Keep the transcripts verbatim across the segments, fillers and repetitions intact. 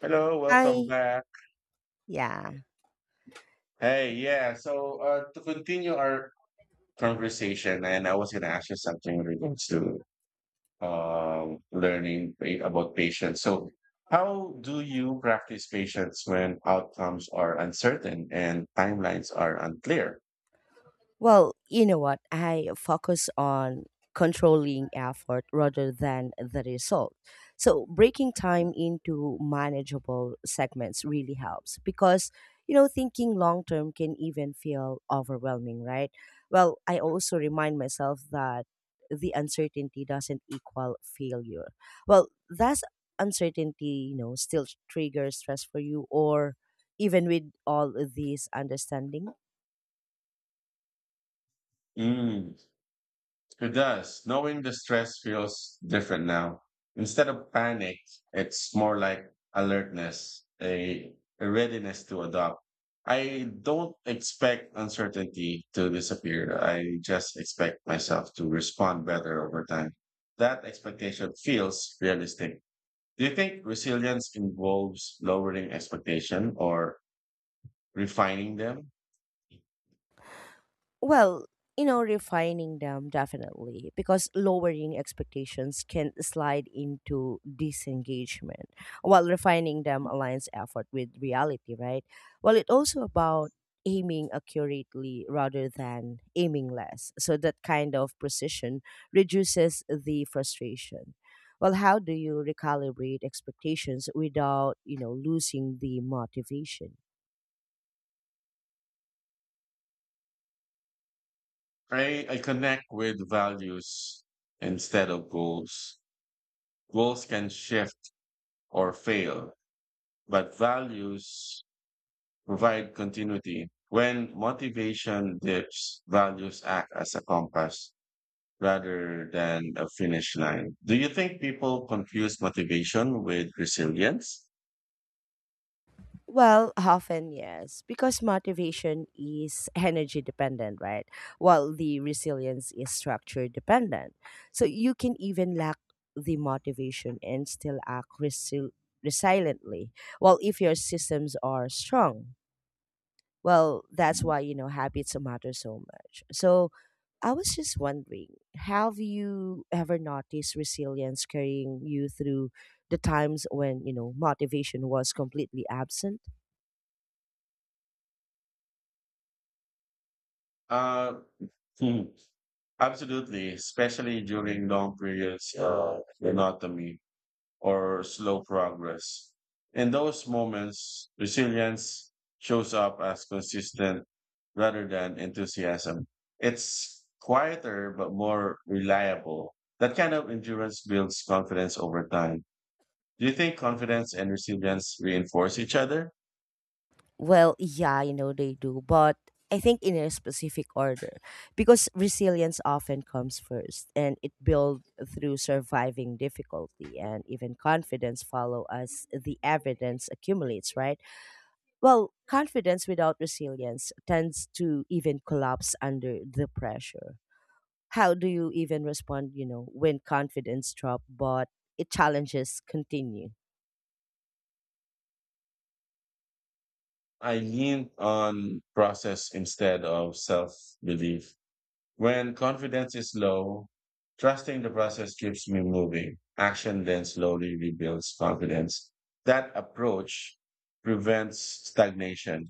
Hello, welcome I back. Yeah. Hey, yeah. So uh, to continue our conversation, and I was going to ask you something in regards to um, learning pa- about patience. So, how do you practice patience when outcomes are uncertain and timelines are unclear? Well, you know what? I focus on controlling effort rather than the result. So breaking time into manageable segments really helps because, you know, thinking long term can even feel overwhelming, right? Well, I also remind myself that the uncertainty doesn't equal failure. Well, that's uncertainty, you know, still triggers stress for you, or even with all of these understanding. Mm. It does. Knowing the stress feels different now. Instead of panic, it's more like alertness, a, a readiness to adopt. I don't expect uncertainty to disappear. I just expect myself to respond better over time. That expectation feels realistic. Do you think resilience involves lowering expectation or refining them? Well, you know, refining them definitely, because lowering expectations can slide into disengagement while refining them aligns effort with reality, right? Well, it also about aiming accurately rather than aiming less. So that kind of precision reduces the frustration. Well, how do you recalibrate expectations without, you know, losing the motivation? I, I connect with values instead of goals. Goals can shift or fail, but values provide continuity. When motivation dips, values act as a compass rather than a finish line. Do you think people confuse motivation with resilience? Well, often yes, because motivation is energy dependent, right? While the resilience is structure dependent. So you can even lack the motivation and still act resil- resiliently. Well, if your systems are strong, well, that's Mm. why, you know, habits matter so much. So I was just wondering, have you ever noticed resilience carrying you through the times when, you know, motivation was completely absent? Uh, hmm, Absolutely, especially during long periods of monotony or slow progress. In those moments, resilience shows up as consistent rather than enthusiasm. It's quieter but more reliable. That kind of endurance builds confidence over time. Do you think confidence and resilience reinforce each other? Well, yeah, you know they do, but I think in a specific order, because resilience often comes first and it builds through surviving difficulty, and even confidence follow as the evidence accumulates, right? Well, confidence without resilience tends to even collapse under the pressure. How do you even respond, you know, when confidence drop but it challenges continue? I leaned on process instead of self belief. When confidence is low, trusting the process keeps me moving. Action then slowly rebuilds confidence. That approach prevents stagnation.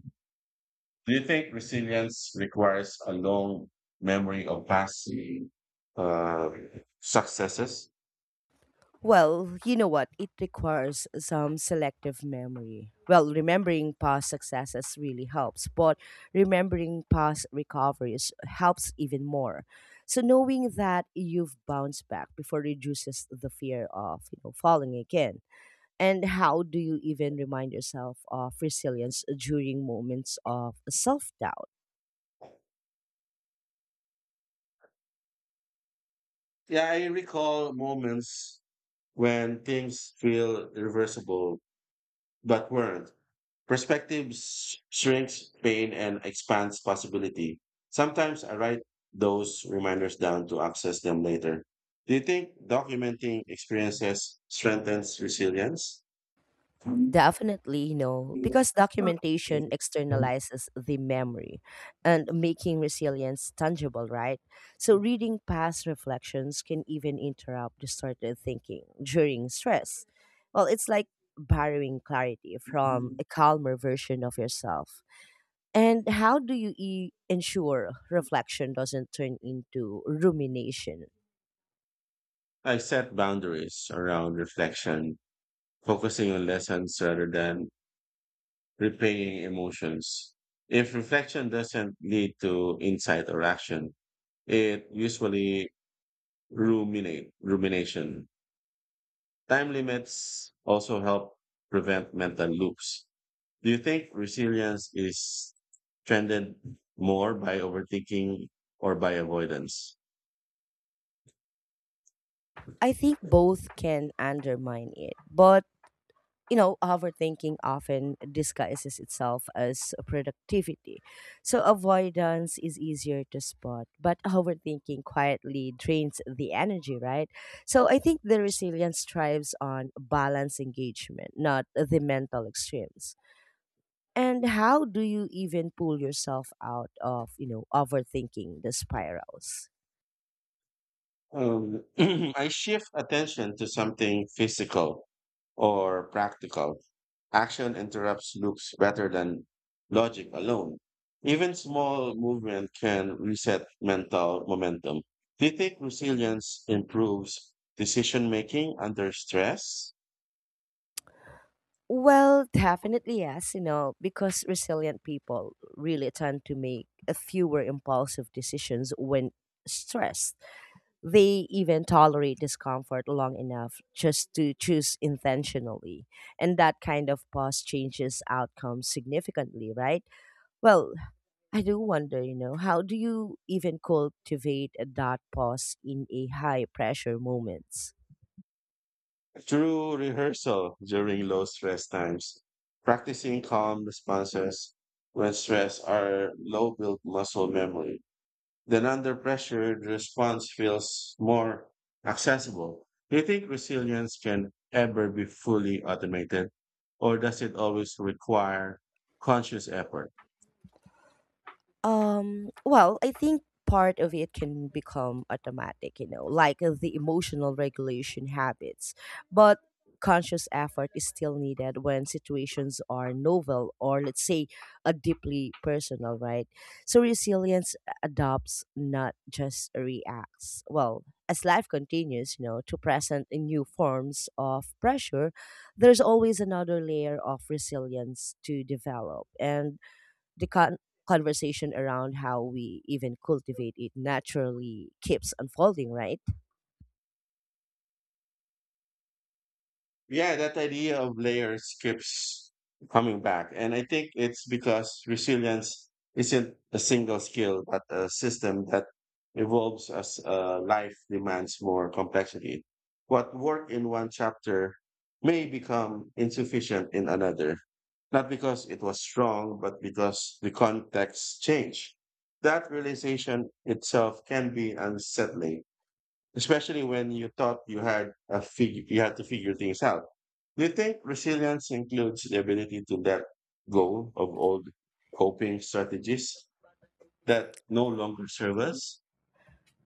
Do you think resilience requires a long memory of past uh, successes? Well, you know what? It requires some selective memory. Well, remembering past successes really helps, but remembering past recoveries helps even more. So knowing that you've bounced back before reduces the fear of, you know, falling again. And how do you even remind yourself of resilience during moments of self-doubt? Yeah, I recall moments when things feel reversible but weren't. Perspective s- shrinks pain and expands possibility. Sometimes I write those reminders down to access them later. Do you think documenting experiences strengthens resilience? Definitely no, because documentation externalizes the memory and making resilience tangible, right? So, reading past reflections can even interrupt distorted thinking during stress. Well, it's like borrowing clarity from a calmer version of yourself. And how do you e- ensure reflection doesn't turn into rumination? I set boundaries around reflection, focusing on lessons rather than replaying emotions. If reflection doesn't lead to insight or action, it usually ruminate rumination. Time limits also help prevent mental loops. Do you think resilience is strengthened more by overthinking or by avoidance? I think both can undermine it, but, you know, overthinking often disguises itself as productivity. So avoidance is easier to spot, but overthinking quietly drains the energy, right? So I think the resilience thrives on balance engagement, not the mental extremes. And how do you even pull yourself out of, you know, overthinking the spirals? Um, I shift attention to something physical or practical. Action interrupts loops better than logic alone. Even small movement can reset mental momentum. Do you think resilience improves decision making under stress? Well, definitely yes, you know, because resilient people really tend to make a fewer impulsive decisions when stressed. They even tolerate discomfort long enough just to choose intentionally. And that kind of pause changes outcomes significantly, right? Well, I do wonder, you know, how do you even cultivate that pause in a high pressure moments? Through rehearsal during low stress times, practicing calm responses when stress are low build muscle memory. Then under pressure, the response feels more accessible. Do you think resilience can ever be fully automated, or does it always require conscious effort? Um, well, I think part of it can become automatic, you know, like uh, the emotional regulation habits. But conscious effort is still needed when situations are novel or, let's say, a deeply personal, right? So resilience adopts, not just reacts. Well, as life continues, you know, to present in new forms of pressure, there's always another layer of resilience to develop. And the con- conversation around how we even cultivate it naturally keeps unfolding, right? Yeah, that idea of layers keeps coming back. And I think it's because resilience isn't a single skill, but a system that evolves as uh, life demands more complexity. What worked in one chapter may become insufficient in another, not because it was wrong, but because the context changed. That realization itself can be unsettling, especially when you thought you had a fig- you had to figure things out. Do you think resilience includes the ability to let go of old coping strategies that no longer serve us?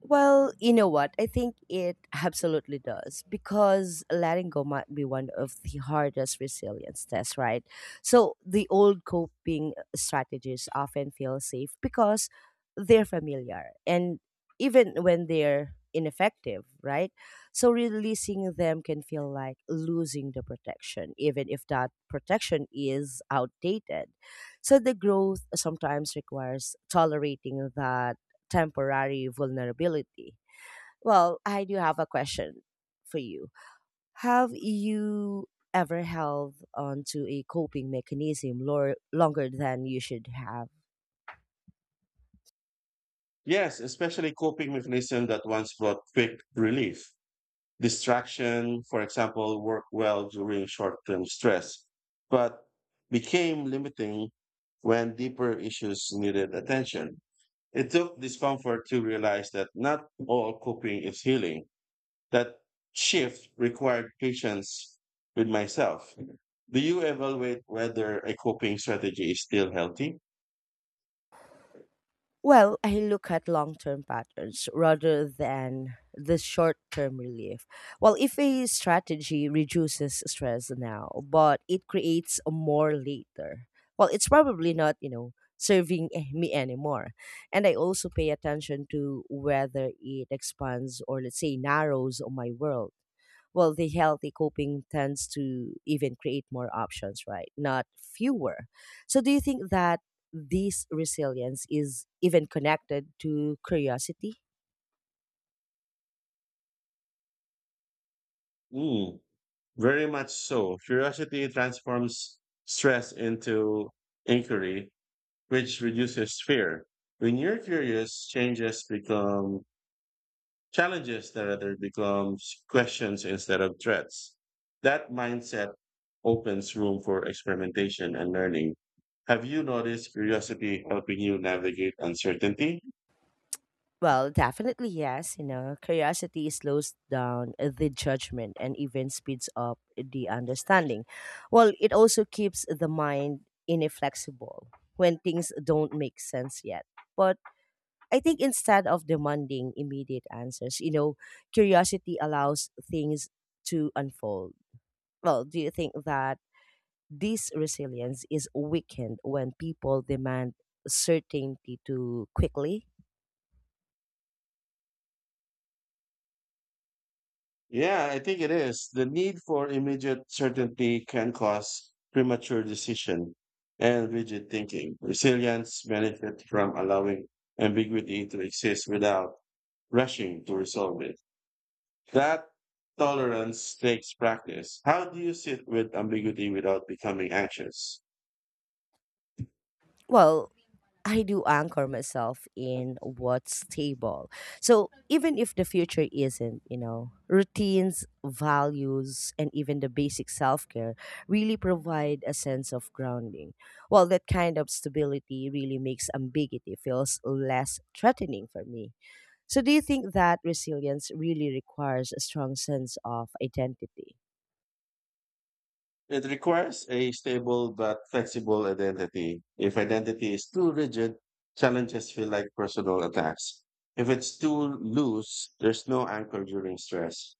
Well, you know what? I think it absolutely does, because letting go might be one of the hardest resilience tests, right? So the old coping strategies often feel safe because they're familiar, and even when they're ineffective, right? So releasing them can feel like losing the protection, even if that protection is outdated. So the growth sometimes requires tolerating that temporary vulnerability. Well, I do have a question for you. Have you ever held onto a coping mechanism lor- longer than you should have? Yes, especially coping mechanisms that once brought quick relief. Distraction, for example, worked well during short term stress, but became limiting when deeper issues needed attention. It took discomfort to realize that not all coping is healing. That shift required patience with myself. Do you evaluate whether a coping strategy is still healthy? Well, I look at long term patterns rather than the short term relief. Well, if a strategy reduces stress now, but it creates more later, well, it's probably not, you know, serving eh, me anymore. And I also pay attention to whether it expands or, let's say, narrows my world. Well, the healthy coping tends to even create more options, right? Not fewer. So, do you think that this resilience is even connected to curiosity? Mm, very much so. Curiosity transforms stress into inquiry, which reduces fear. When you're curious, changes become challenges that rather becomes questions instead of threats. That mindset opens room for experimentation and learning. Have you noticed curiosity helping you navigate uncertainty? Well, definitely yes. You know, curiosity slows down the judgment and even speeds up the understanding. Well, it also keeps the mind inflexible when things don't make sense yet. But I think instead of demanding immediate answers, you know, curiosity allows things to unfold. Well, do you think that this resilience is weakened when people demand certainty too quickly? Yeah, I think it is. The need for immediate certainty can cause premature decision and rigid thinking. Resilience benefits from allowing ambiguity to exist without rushing to resolve it. That tolerance takes practice. How do you sit with ambiguity without becoming anxious? Well, I do anchor myself in what's stable. So even if the future isn't, you know, routines, values, and even the basic self care really provide a sense of grounding. Well, that kind of stability really makes ambiguity feels less threatening for me. So do you think that resilience really requires a strong sense of identity? It requires a stable but flexible identity. If identity is too rigid, challenges feel like personal attacks. If it's too loose, there's no anchor during stress.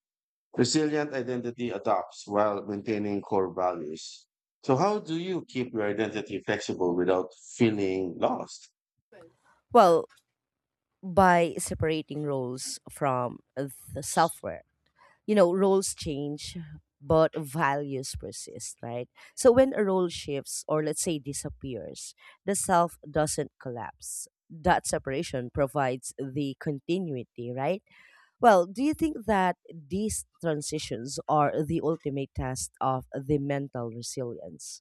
Resilient identity adopts while maintaining core values. So, how do you keep your identity flexible without feeling lost? Well, by separating roles from self worth, you know, roles change, but values persist, right? So when a role shifts, or let's say disappears, the self doesn't collapse. That separation provides the continuity, right? Well, do you think that these transitions are the ultimate test of the mental resilience?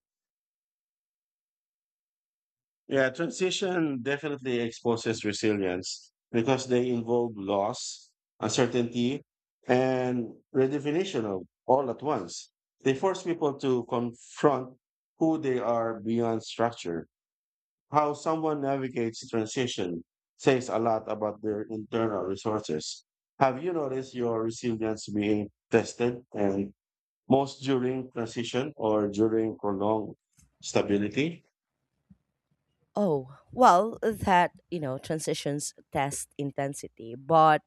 Yeah, transition definitely exposes resilience because they involve loss, uncertainty, and redefinition of all at once. They force people to confront who they are beyond structure. How someone navigates transition says a lot about their internal resources. Have you noticed your resilience being tested and most during transition or during prolonged stability? Oh, well, that, you know, transitions test intensity, but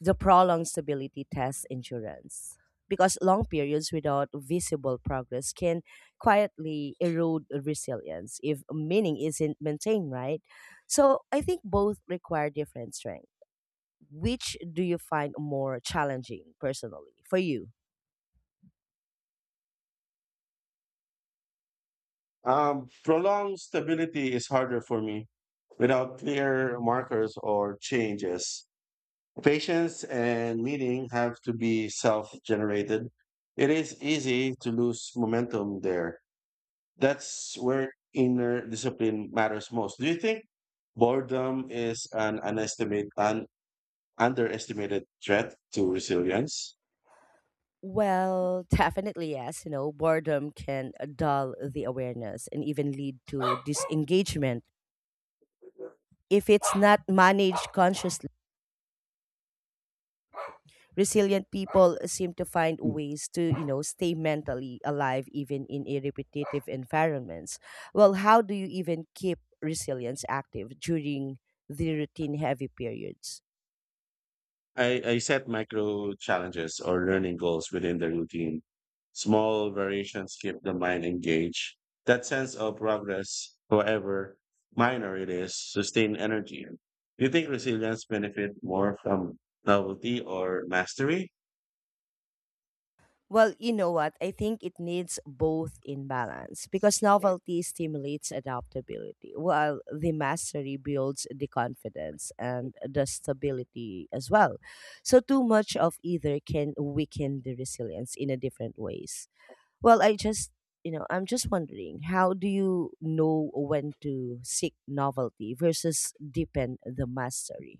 the prolonged stability test insurance, because long periods without visible progress can quietly erode resilience if meaning isn't maintained, right? So I think both require different strength. Which do you find more challenging personally for you? Um, prolonged stability is harder for me without clear markers or changes. Patience and meaning have to be self generated. It is easy to lose momentum there. That's where inner discipline matters most. Do you think boredom is an, underestimate, an underestimated threat to resilience? Well, definitely yes. You know, boredom can uh, dull the awareness and even lead to disengagement if it's not managed consciously. Resilient people seem to find ways to, you know, stay mentally alive even in a repetitive environments. Well, how do you even keep resilience active during the routine heavy periods? I, I set micro challenges or learning goals within the routine. Small variations keep the mind engaged. That sense of progress, however minor it is, sustain energy. Do you think resilience benefit more from novelty or mastery? Well, you know what? I think it needs both in balance, because novelty stimulates adaptability, while the mastery builds the confidence and the stability as well. So, too much of either can weaken the resilience in a different ways. Well, I just, you know, I'm just wondering, how do you know when to seek novelty versus deepen the mastery?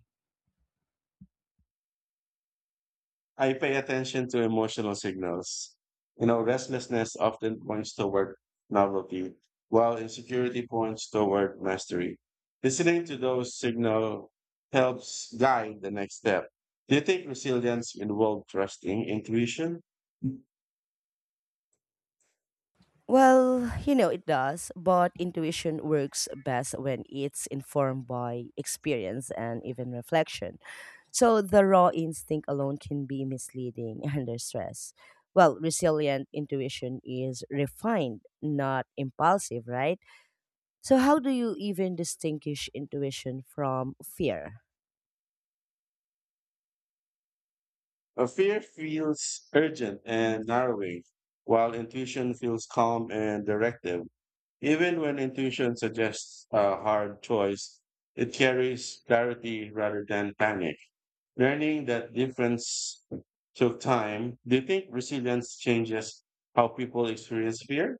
I pay attention to emotional signals. You know, restlessness often points toward novelty, while insecurity points toward mastery. Listening to those signals helps guide the next step. Do you think resilience involves trusting intuition? Well, you know, it does, but intuition works best when it's informed by experience and even reflection. So the raw instinct alone can be misleading under stress. Well, resilient intuition is refined, not impulsive, right? So, how do you even distinguish intuition from fear? A fear feels urgent and narrowing, while intuition feels calm and directive. Even when intuition suggests a hard choice, it carries clarity rather than panic. Learning that difference took time. Do you think resilience changes how people experience fear?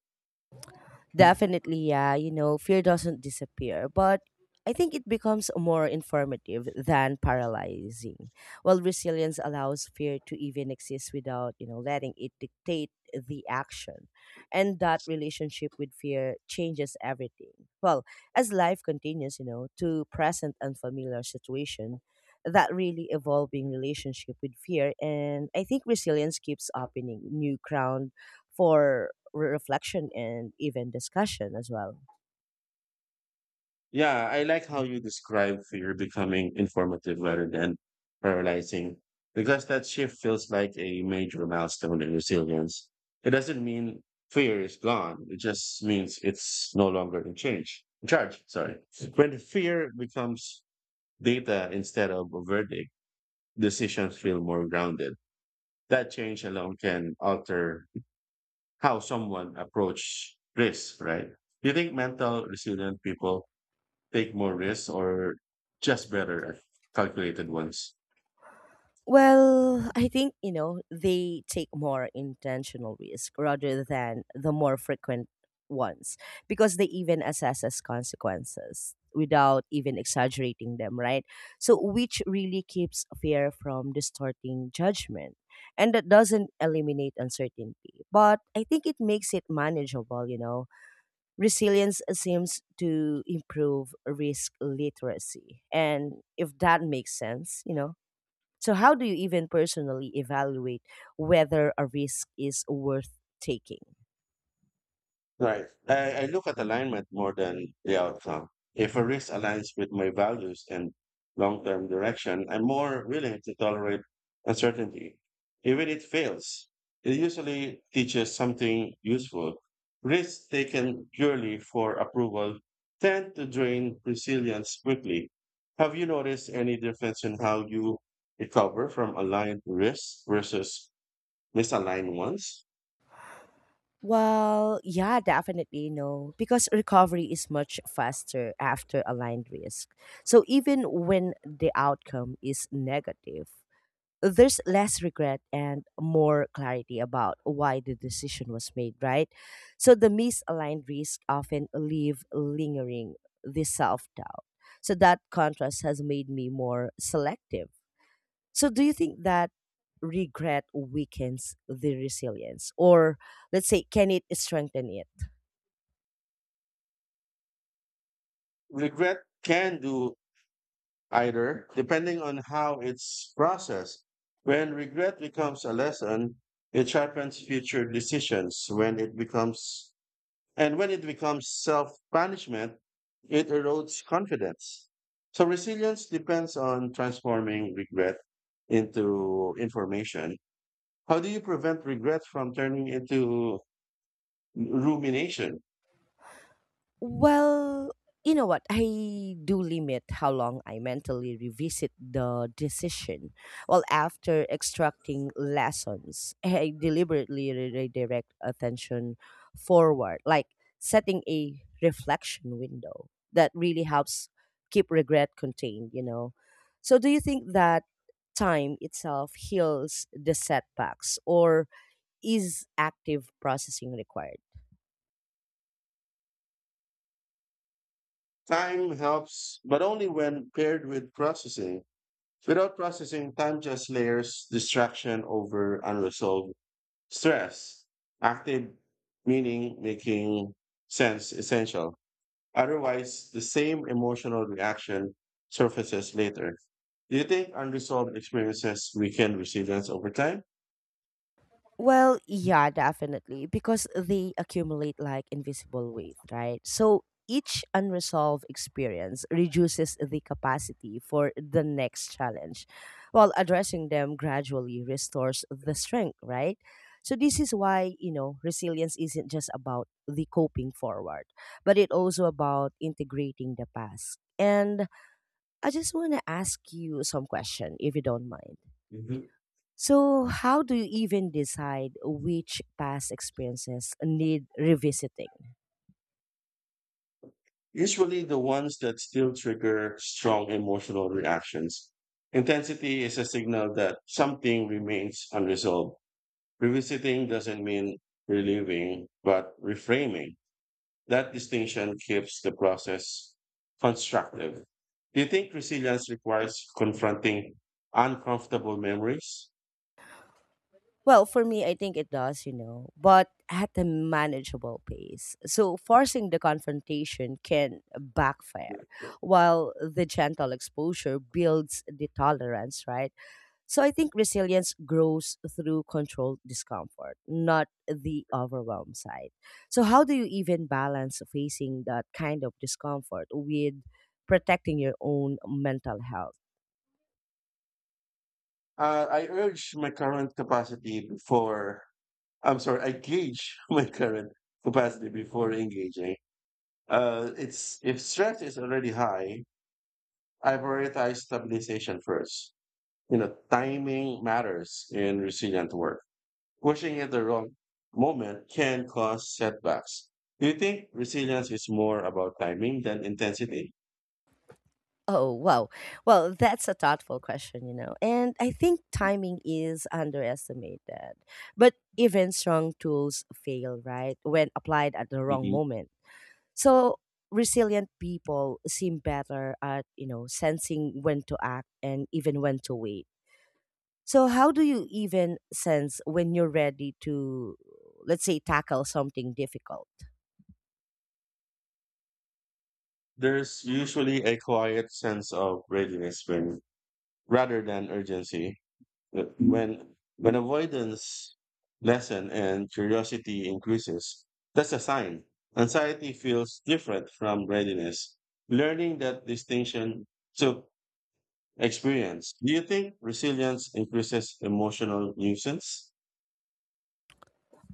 Definitely, yeah. You know, fear doesn't disappear, but I think it becomes more informative than paralyzing. While resilience allows fear to even exist without, you know, letting it dictate the action. And that relationship with fear changes everything. Well, as life continues, you know, to present unfamiliar situation, that really evolving relationship with fear, and I think resilience keeps opening new ground for re- reflection and even discussion as well. Yeah, I like how you describe fear becoming informative rather than paralyzing, because that shift feels like a major milestone in resilience. It doesn't mean fear is gone. It just means it's no longer in change. In charge, sorry. When fear becomes data instead of a verdict, decisions feel more grounded. That change alone can alter how someone approach risk, right? Do you think mental resilient people take more risks or just better at calculated ones? Well, I think, you know, they take more intentional risk rather than the more frequent ones, because they even assess as consequences without even exaggerating them, right? So, which really keeps fear from distorting judgment. And that doesn't eliminate uncertainty, but I think it makes it manageable, you know. Resilience seems to improve risk literacy. And if that makes sense, you know. So, how do you even personally evaluate whether a risk is worth taking? Right. I, I look at alignment more than the outcome. If a risk aligns with my values and long term direction, I'm more willing to tolerate uncertainty. Even if it fails, it usually teaches something useful. Risks taken purely for approval tend to drain resilience quickly. Have you noticed any difference in how you recover from aligned risks versus misaligned ones? Well, yeah, definitely no, because recovery is much faster after aligned risk. So even when the outcome is negative, there's less regret and more clarity about why the decision was made, right? So the misaligned risk often leave lingering the self doubt. So that contrast has made me more selective. So do you think that regret weakens the resilience, or let's say can it strengthen it? Regret can do either, depending on how it's processed. When regret becomes a lesson, it sharpens future decisions. When it becomes, and when it becomes self punishment, it erodes confidence. So resilience depends on transforming regret into information. How do you prevent regret from turning into rumination? Well, you know what? I do limit how long I mentally revisit the decision. Well, after extracting lessons, I deliberately re- redirect attention forward, like setting a reflection window that really helps keep regret contained, you know. So, do you think that time itself heals the setbacks, or is active processing required? Time helps, but only when paired with processing. Without processing, time just layers distraction over unresolved stress. Active meaning making sense essential. Otherwise, the same emotional reaction surfaces later. Do you think unresolved experiences weaken resilience over time? Well, yeah, definitely, because they accumulate like invisible weight, right? So each unresolved experience reduces the capacity for the next challenge, while addressing them gradually restores the strength, right? So this is why, you know, resilience isn't just about the coping forward, but it also about integrating the past. And I just want to ask you some question if you don't mind. Mhm. So, how do you even decide which past experiences need revisiting? Usually the ones that still trigger strong emotional reactions. Intensity is a signal that something remains unresolved. Revisiting doesn't mean relieving, but reframing. That distinction keeps the process constructive. Do you think resilience requires confronting uncomfortable memories? Well, for me, I think it does, you know, but at a manageable pace. So, forcing the confrontation can backfire, while the gentle exposure builds the tolerance, right? So I think resilience grows through controlled discomfort, not the overwhelm side. So how do you even balance facing that kind of discomfort with protecting your own mental health? Uh, I urge my current capacity before, I'm sorry, I gauge my current capacity before engaging. Uh, it's If stress is already high, I prioritize stabilization first. You know, timing matters in resilient work. Pushing at the wrong moment can cause setbacks. Do you think resilience is more about timing than intensity? Oh, wow. Well, that's a thoughtful question, you know. And I think timing is underestimated. But even strong tools fail, right? When applied at the wrong Hmm. moment. So resilient people seem better at, you know, sensing when to act and even when to wait. So how do you even sense when you're ready to, let's say, tackle something difficult? There's usually a quiet sense of readiness when, rather than urgency. Uh, When when avoidance lessen and curiosity increases, that's a sign. Anxiety feels different from readiness. Learning that distinction took experience. Do you think resilience increases emotional nuisance?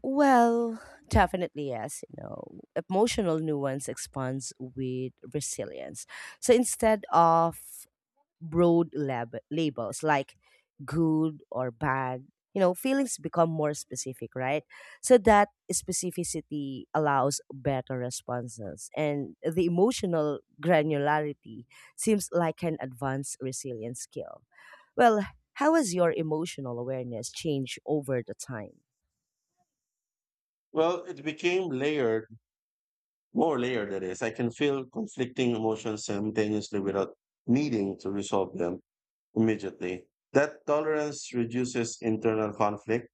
Well, definitely yes. You know, emotional nuance expands with resilience. So instead of broad lab- labels like good or bad. You know, feelings become more specific, right? So that specificity allows better responses. And the emotional granularity seems like an advanced resilience skill. Well, how has your emotional awareness changed over the time? Well, it became layered, more layered that is. I can feel conflicting emotions simultaneously without needing to resolve them immediately. That tolerance reduces internal conflict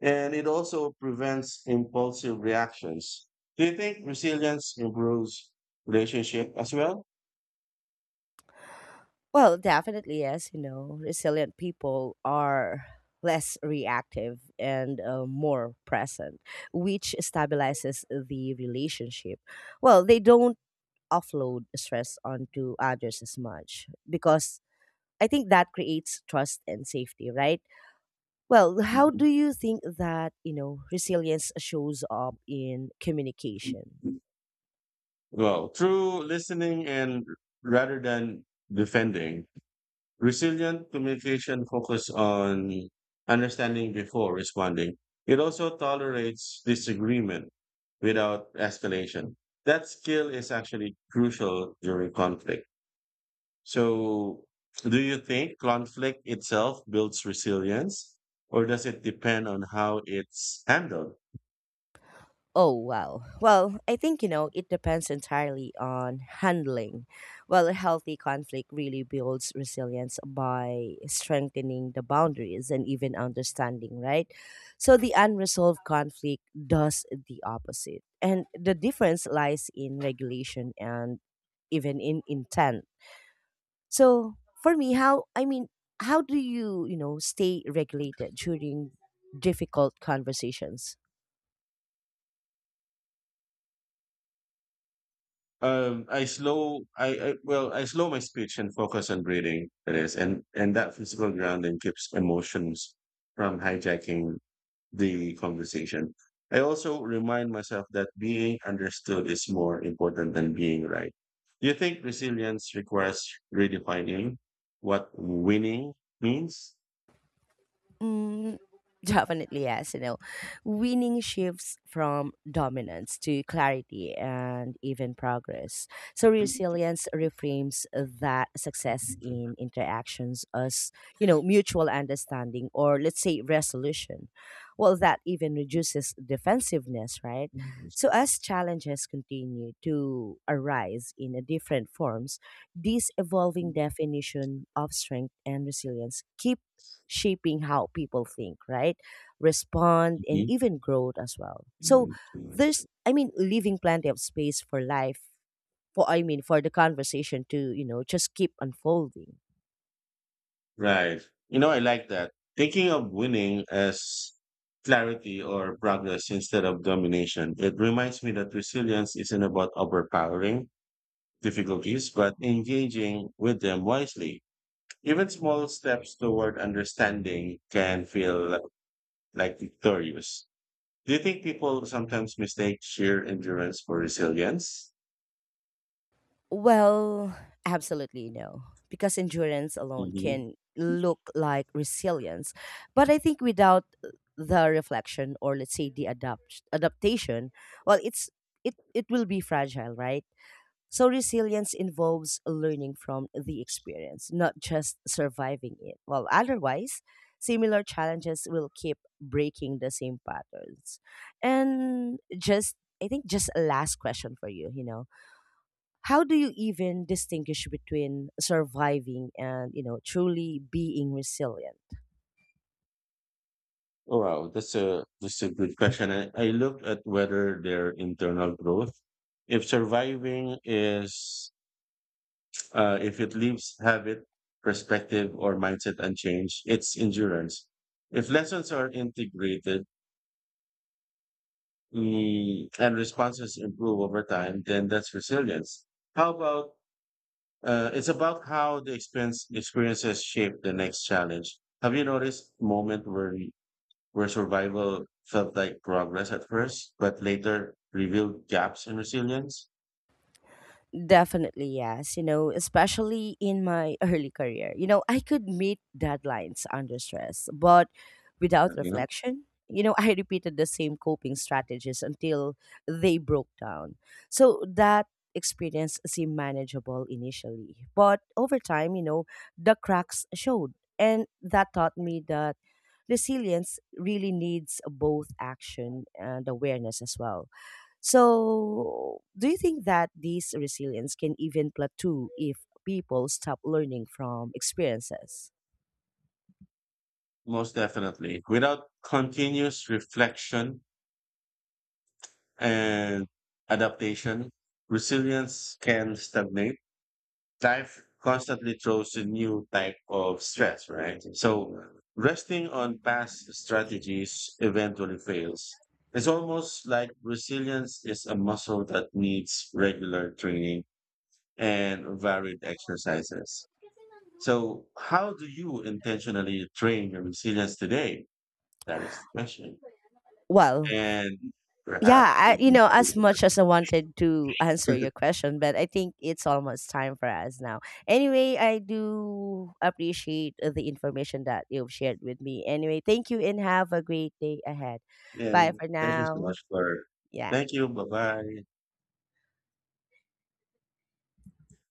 and it also prevents impulsive reactions. Do you think resilience improves relationship as well? Well, definitely, yes. You know, resilient people are less reactive and uh, more present, which stabilizes the relationship. Well, they don't offload stress onto others as much, because I think that creates trust and safety, right? Well, how Mhm. do you think that, you know, resilience shows up in communication? Well, through listening and rather than defending, resilient communication focuses on understanding before responding. It also tolerates disagreement without escalation. That skill is actually crucial during conflict. So, do you think conflict itself builds resilience, or does it depend on how it's handled? Oh, wow. Well, I think, you know, it depends entirely on handling. Well, a healthy conflict really builds resilience by strengthening the boundaries and even understanding, right? So the unresolved conflict does the opposite. And the difference lies in regulation and even in intent. So for me, how, I mean, how do you, you know, stay regulated during difficult conversations? Um, I slow, I, I well, I slow my speech and focus on breathing. It is, and and that physical grounding keeps emotions from hijacking the conversation. I also remind myself that being understood is more important than being right. Do you think resilience requires redefining what winning means? Mm, definitely yes. You know, winning shifts from dominance to clarity and even progress. So resilience reframes that success in interactions as, you know, mutual understanding, or let's say resolution. Well, that even reduces defensiveness, right? Mhm. So as challenges continue to arise in a different forms, this evolving definition of strength and resilience keep shaping how people think, right? Respond and even growth as well. So there's, I mean, leaving plenty of space for life, for, I mean, for the conversation to, you know, just keep unfolding. Right. You know, I like that. Thinking of winning as clarity or progress instead of domination, it reminds me that resilience isn't about overpowering difficulties, but engaging with them wisely. Even small steps toward understanding can feel li- like victorious. Do you think people sometimes mistake sheer endurance for resilience? Well, absolutely no. Because endurance alone Mm-hmm. can look like resilience. But I think without the reflection, or let's say the adapt adaptation, well, it's it it will be fragile, right? So resilience involves learning from the experience, not just surviving it. Well, otherwise, similar challenges will keep breaking the same patterns. And just, I think just a last question for you, you know, how do you even distinguish between surviving and, you know, truly being resilient? Oh wow, that's a that's a good question. I, I look at whether their internal growth, if surviving is, uh, if it leaves habit, perspective, or mindset unchanged, it's endurance. If lessons are integrated mm, and responses improve over time, then that's resilience. How about uh, It's about how the experience experiences shape the next challenge. Have you noticed moment where where survival felt like progress at first, but later revealed gaps in resilience? Definitely, yes. You know, especially in my early career, you know, I could meet deadlines under stress, but without Yeah. reflection, you know, I repeated the same coping strategies until they broke down. So that experience seemed manageable initially, but over time, you know, the cracks showed. And that taught me that resilience really needs both action and awareness as well. So, do you think that this resilience can even plateau if people stop learning from experiences? Most definitely. Without continuous reflection and adaptation, resilience can stagnate. Life constantly throws a new type of stress, right? So resting on past strategies eventually fails. It's almost like resilience is a muscle that needs regular training and varied exercises. So, how do you intentionally train your resilience today? That is the question. Well, And yeah, perhaps we I, you can know, do as much as I wanted to answer this. your question, but I think it's almost time for us now. Anyway, I do appreciate uh, the information that you've shared with me. Anyway, thank you and have a great day ahead. Bye And for thank you so now. much for. Yeah. Thank you. Bye bye.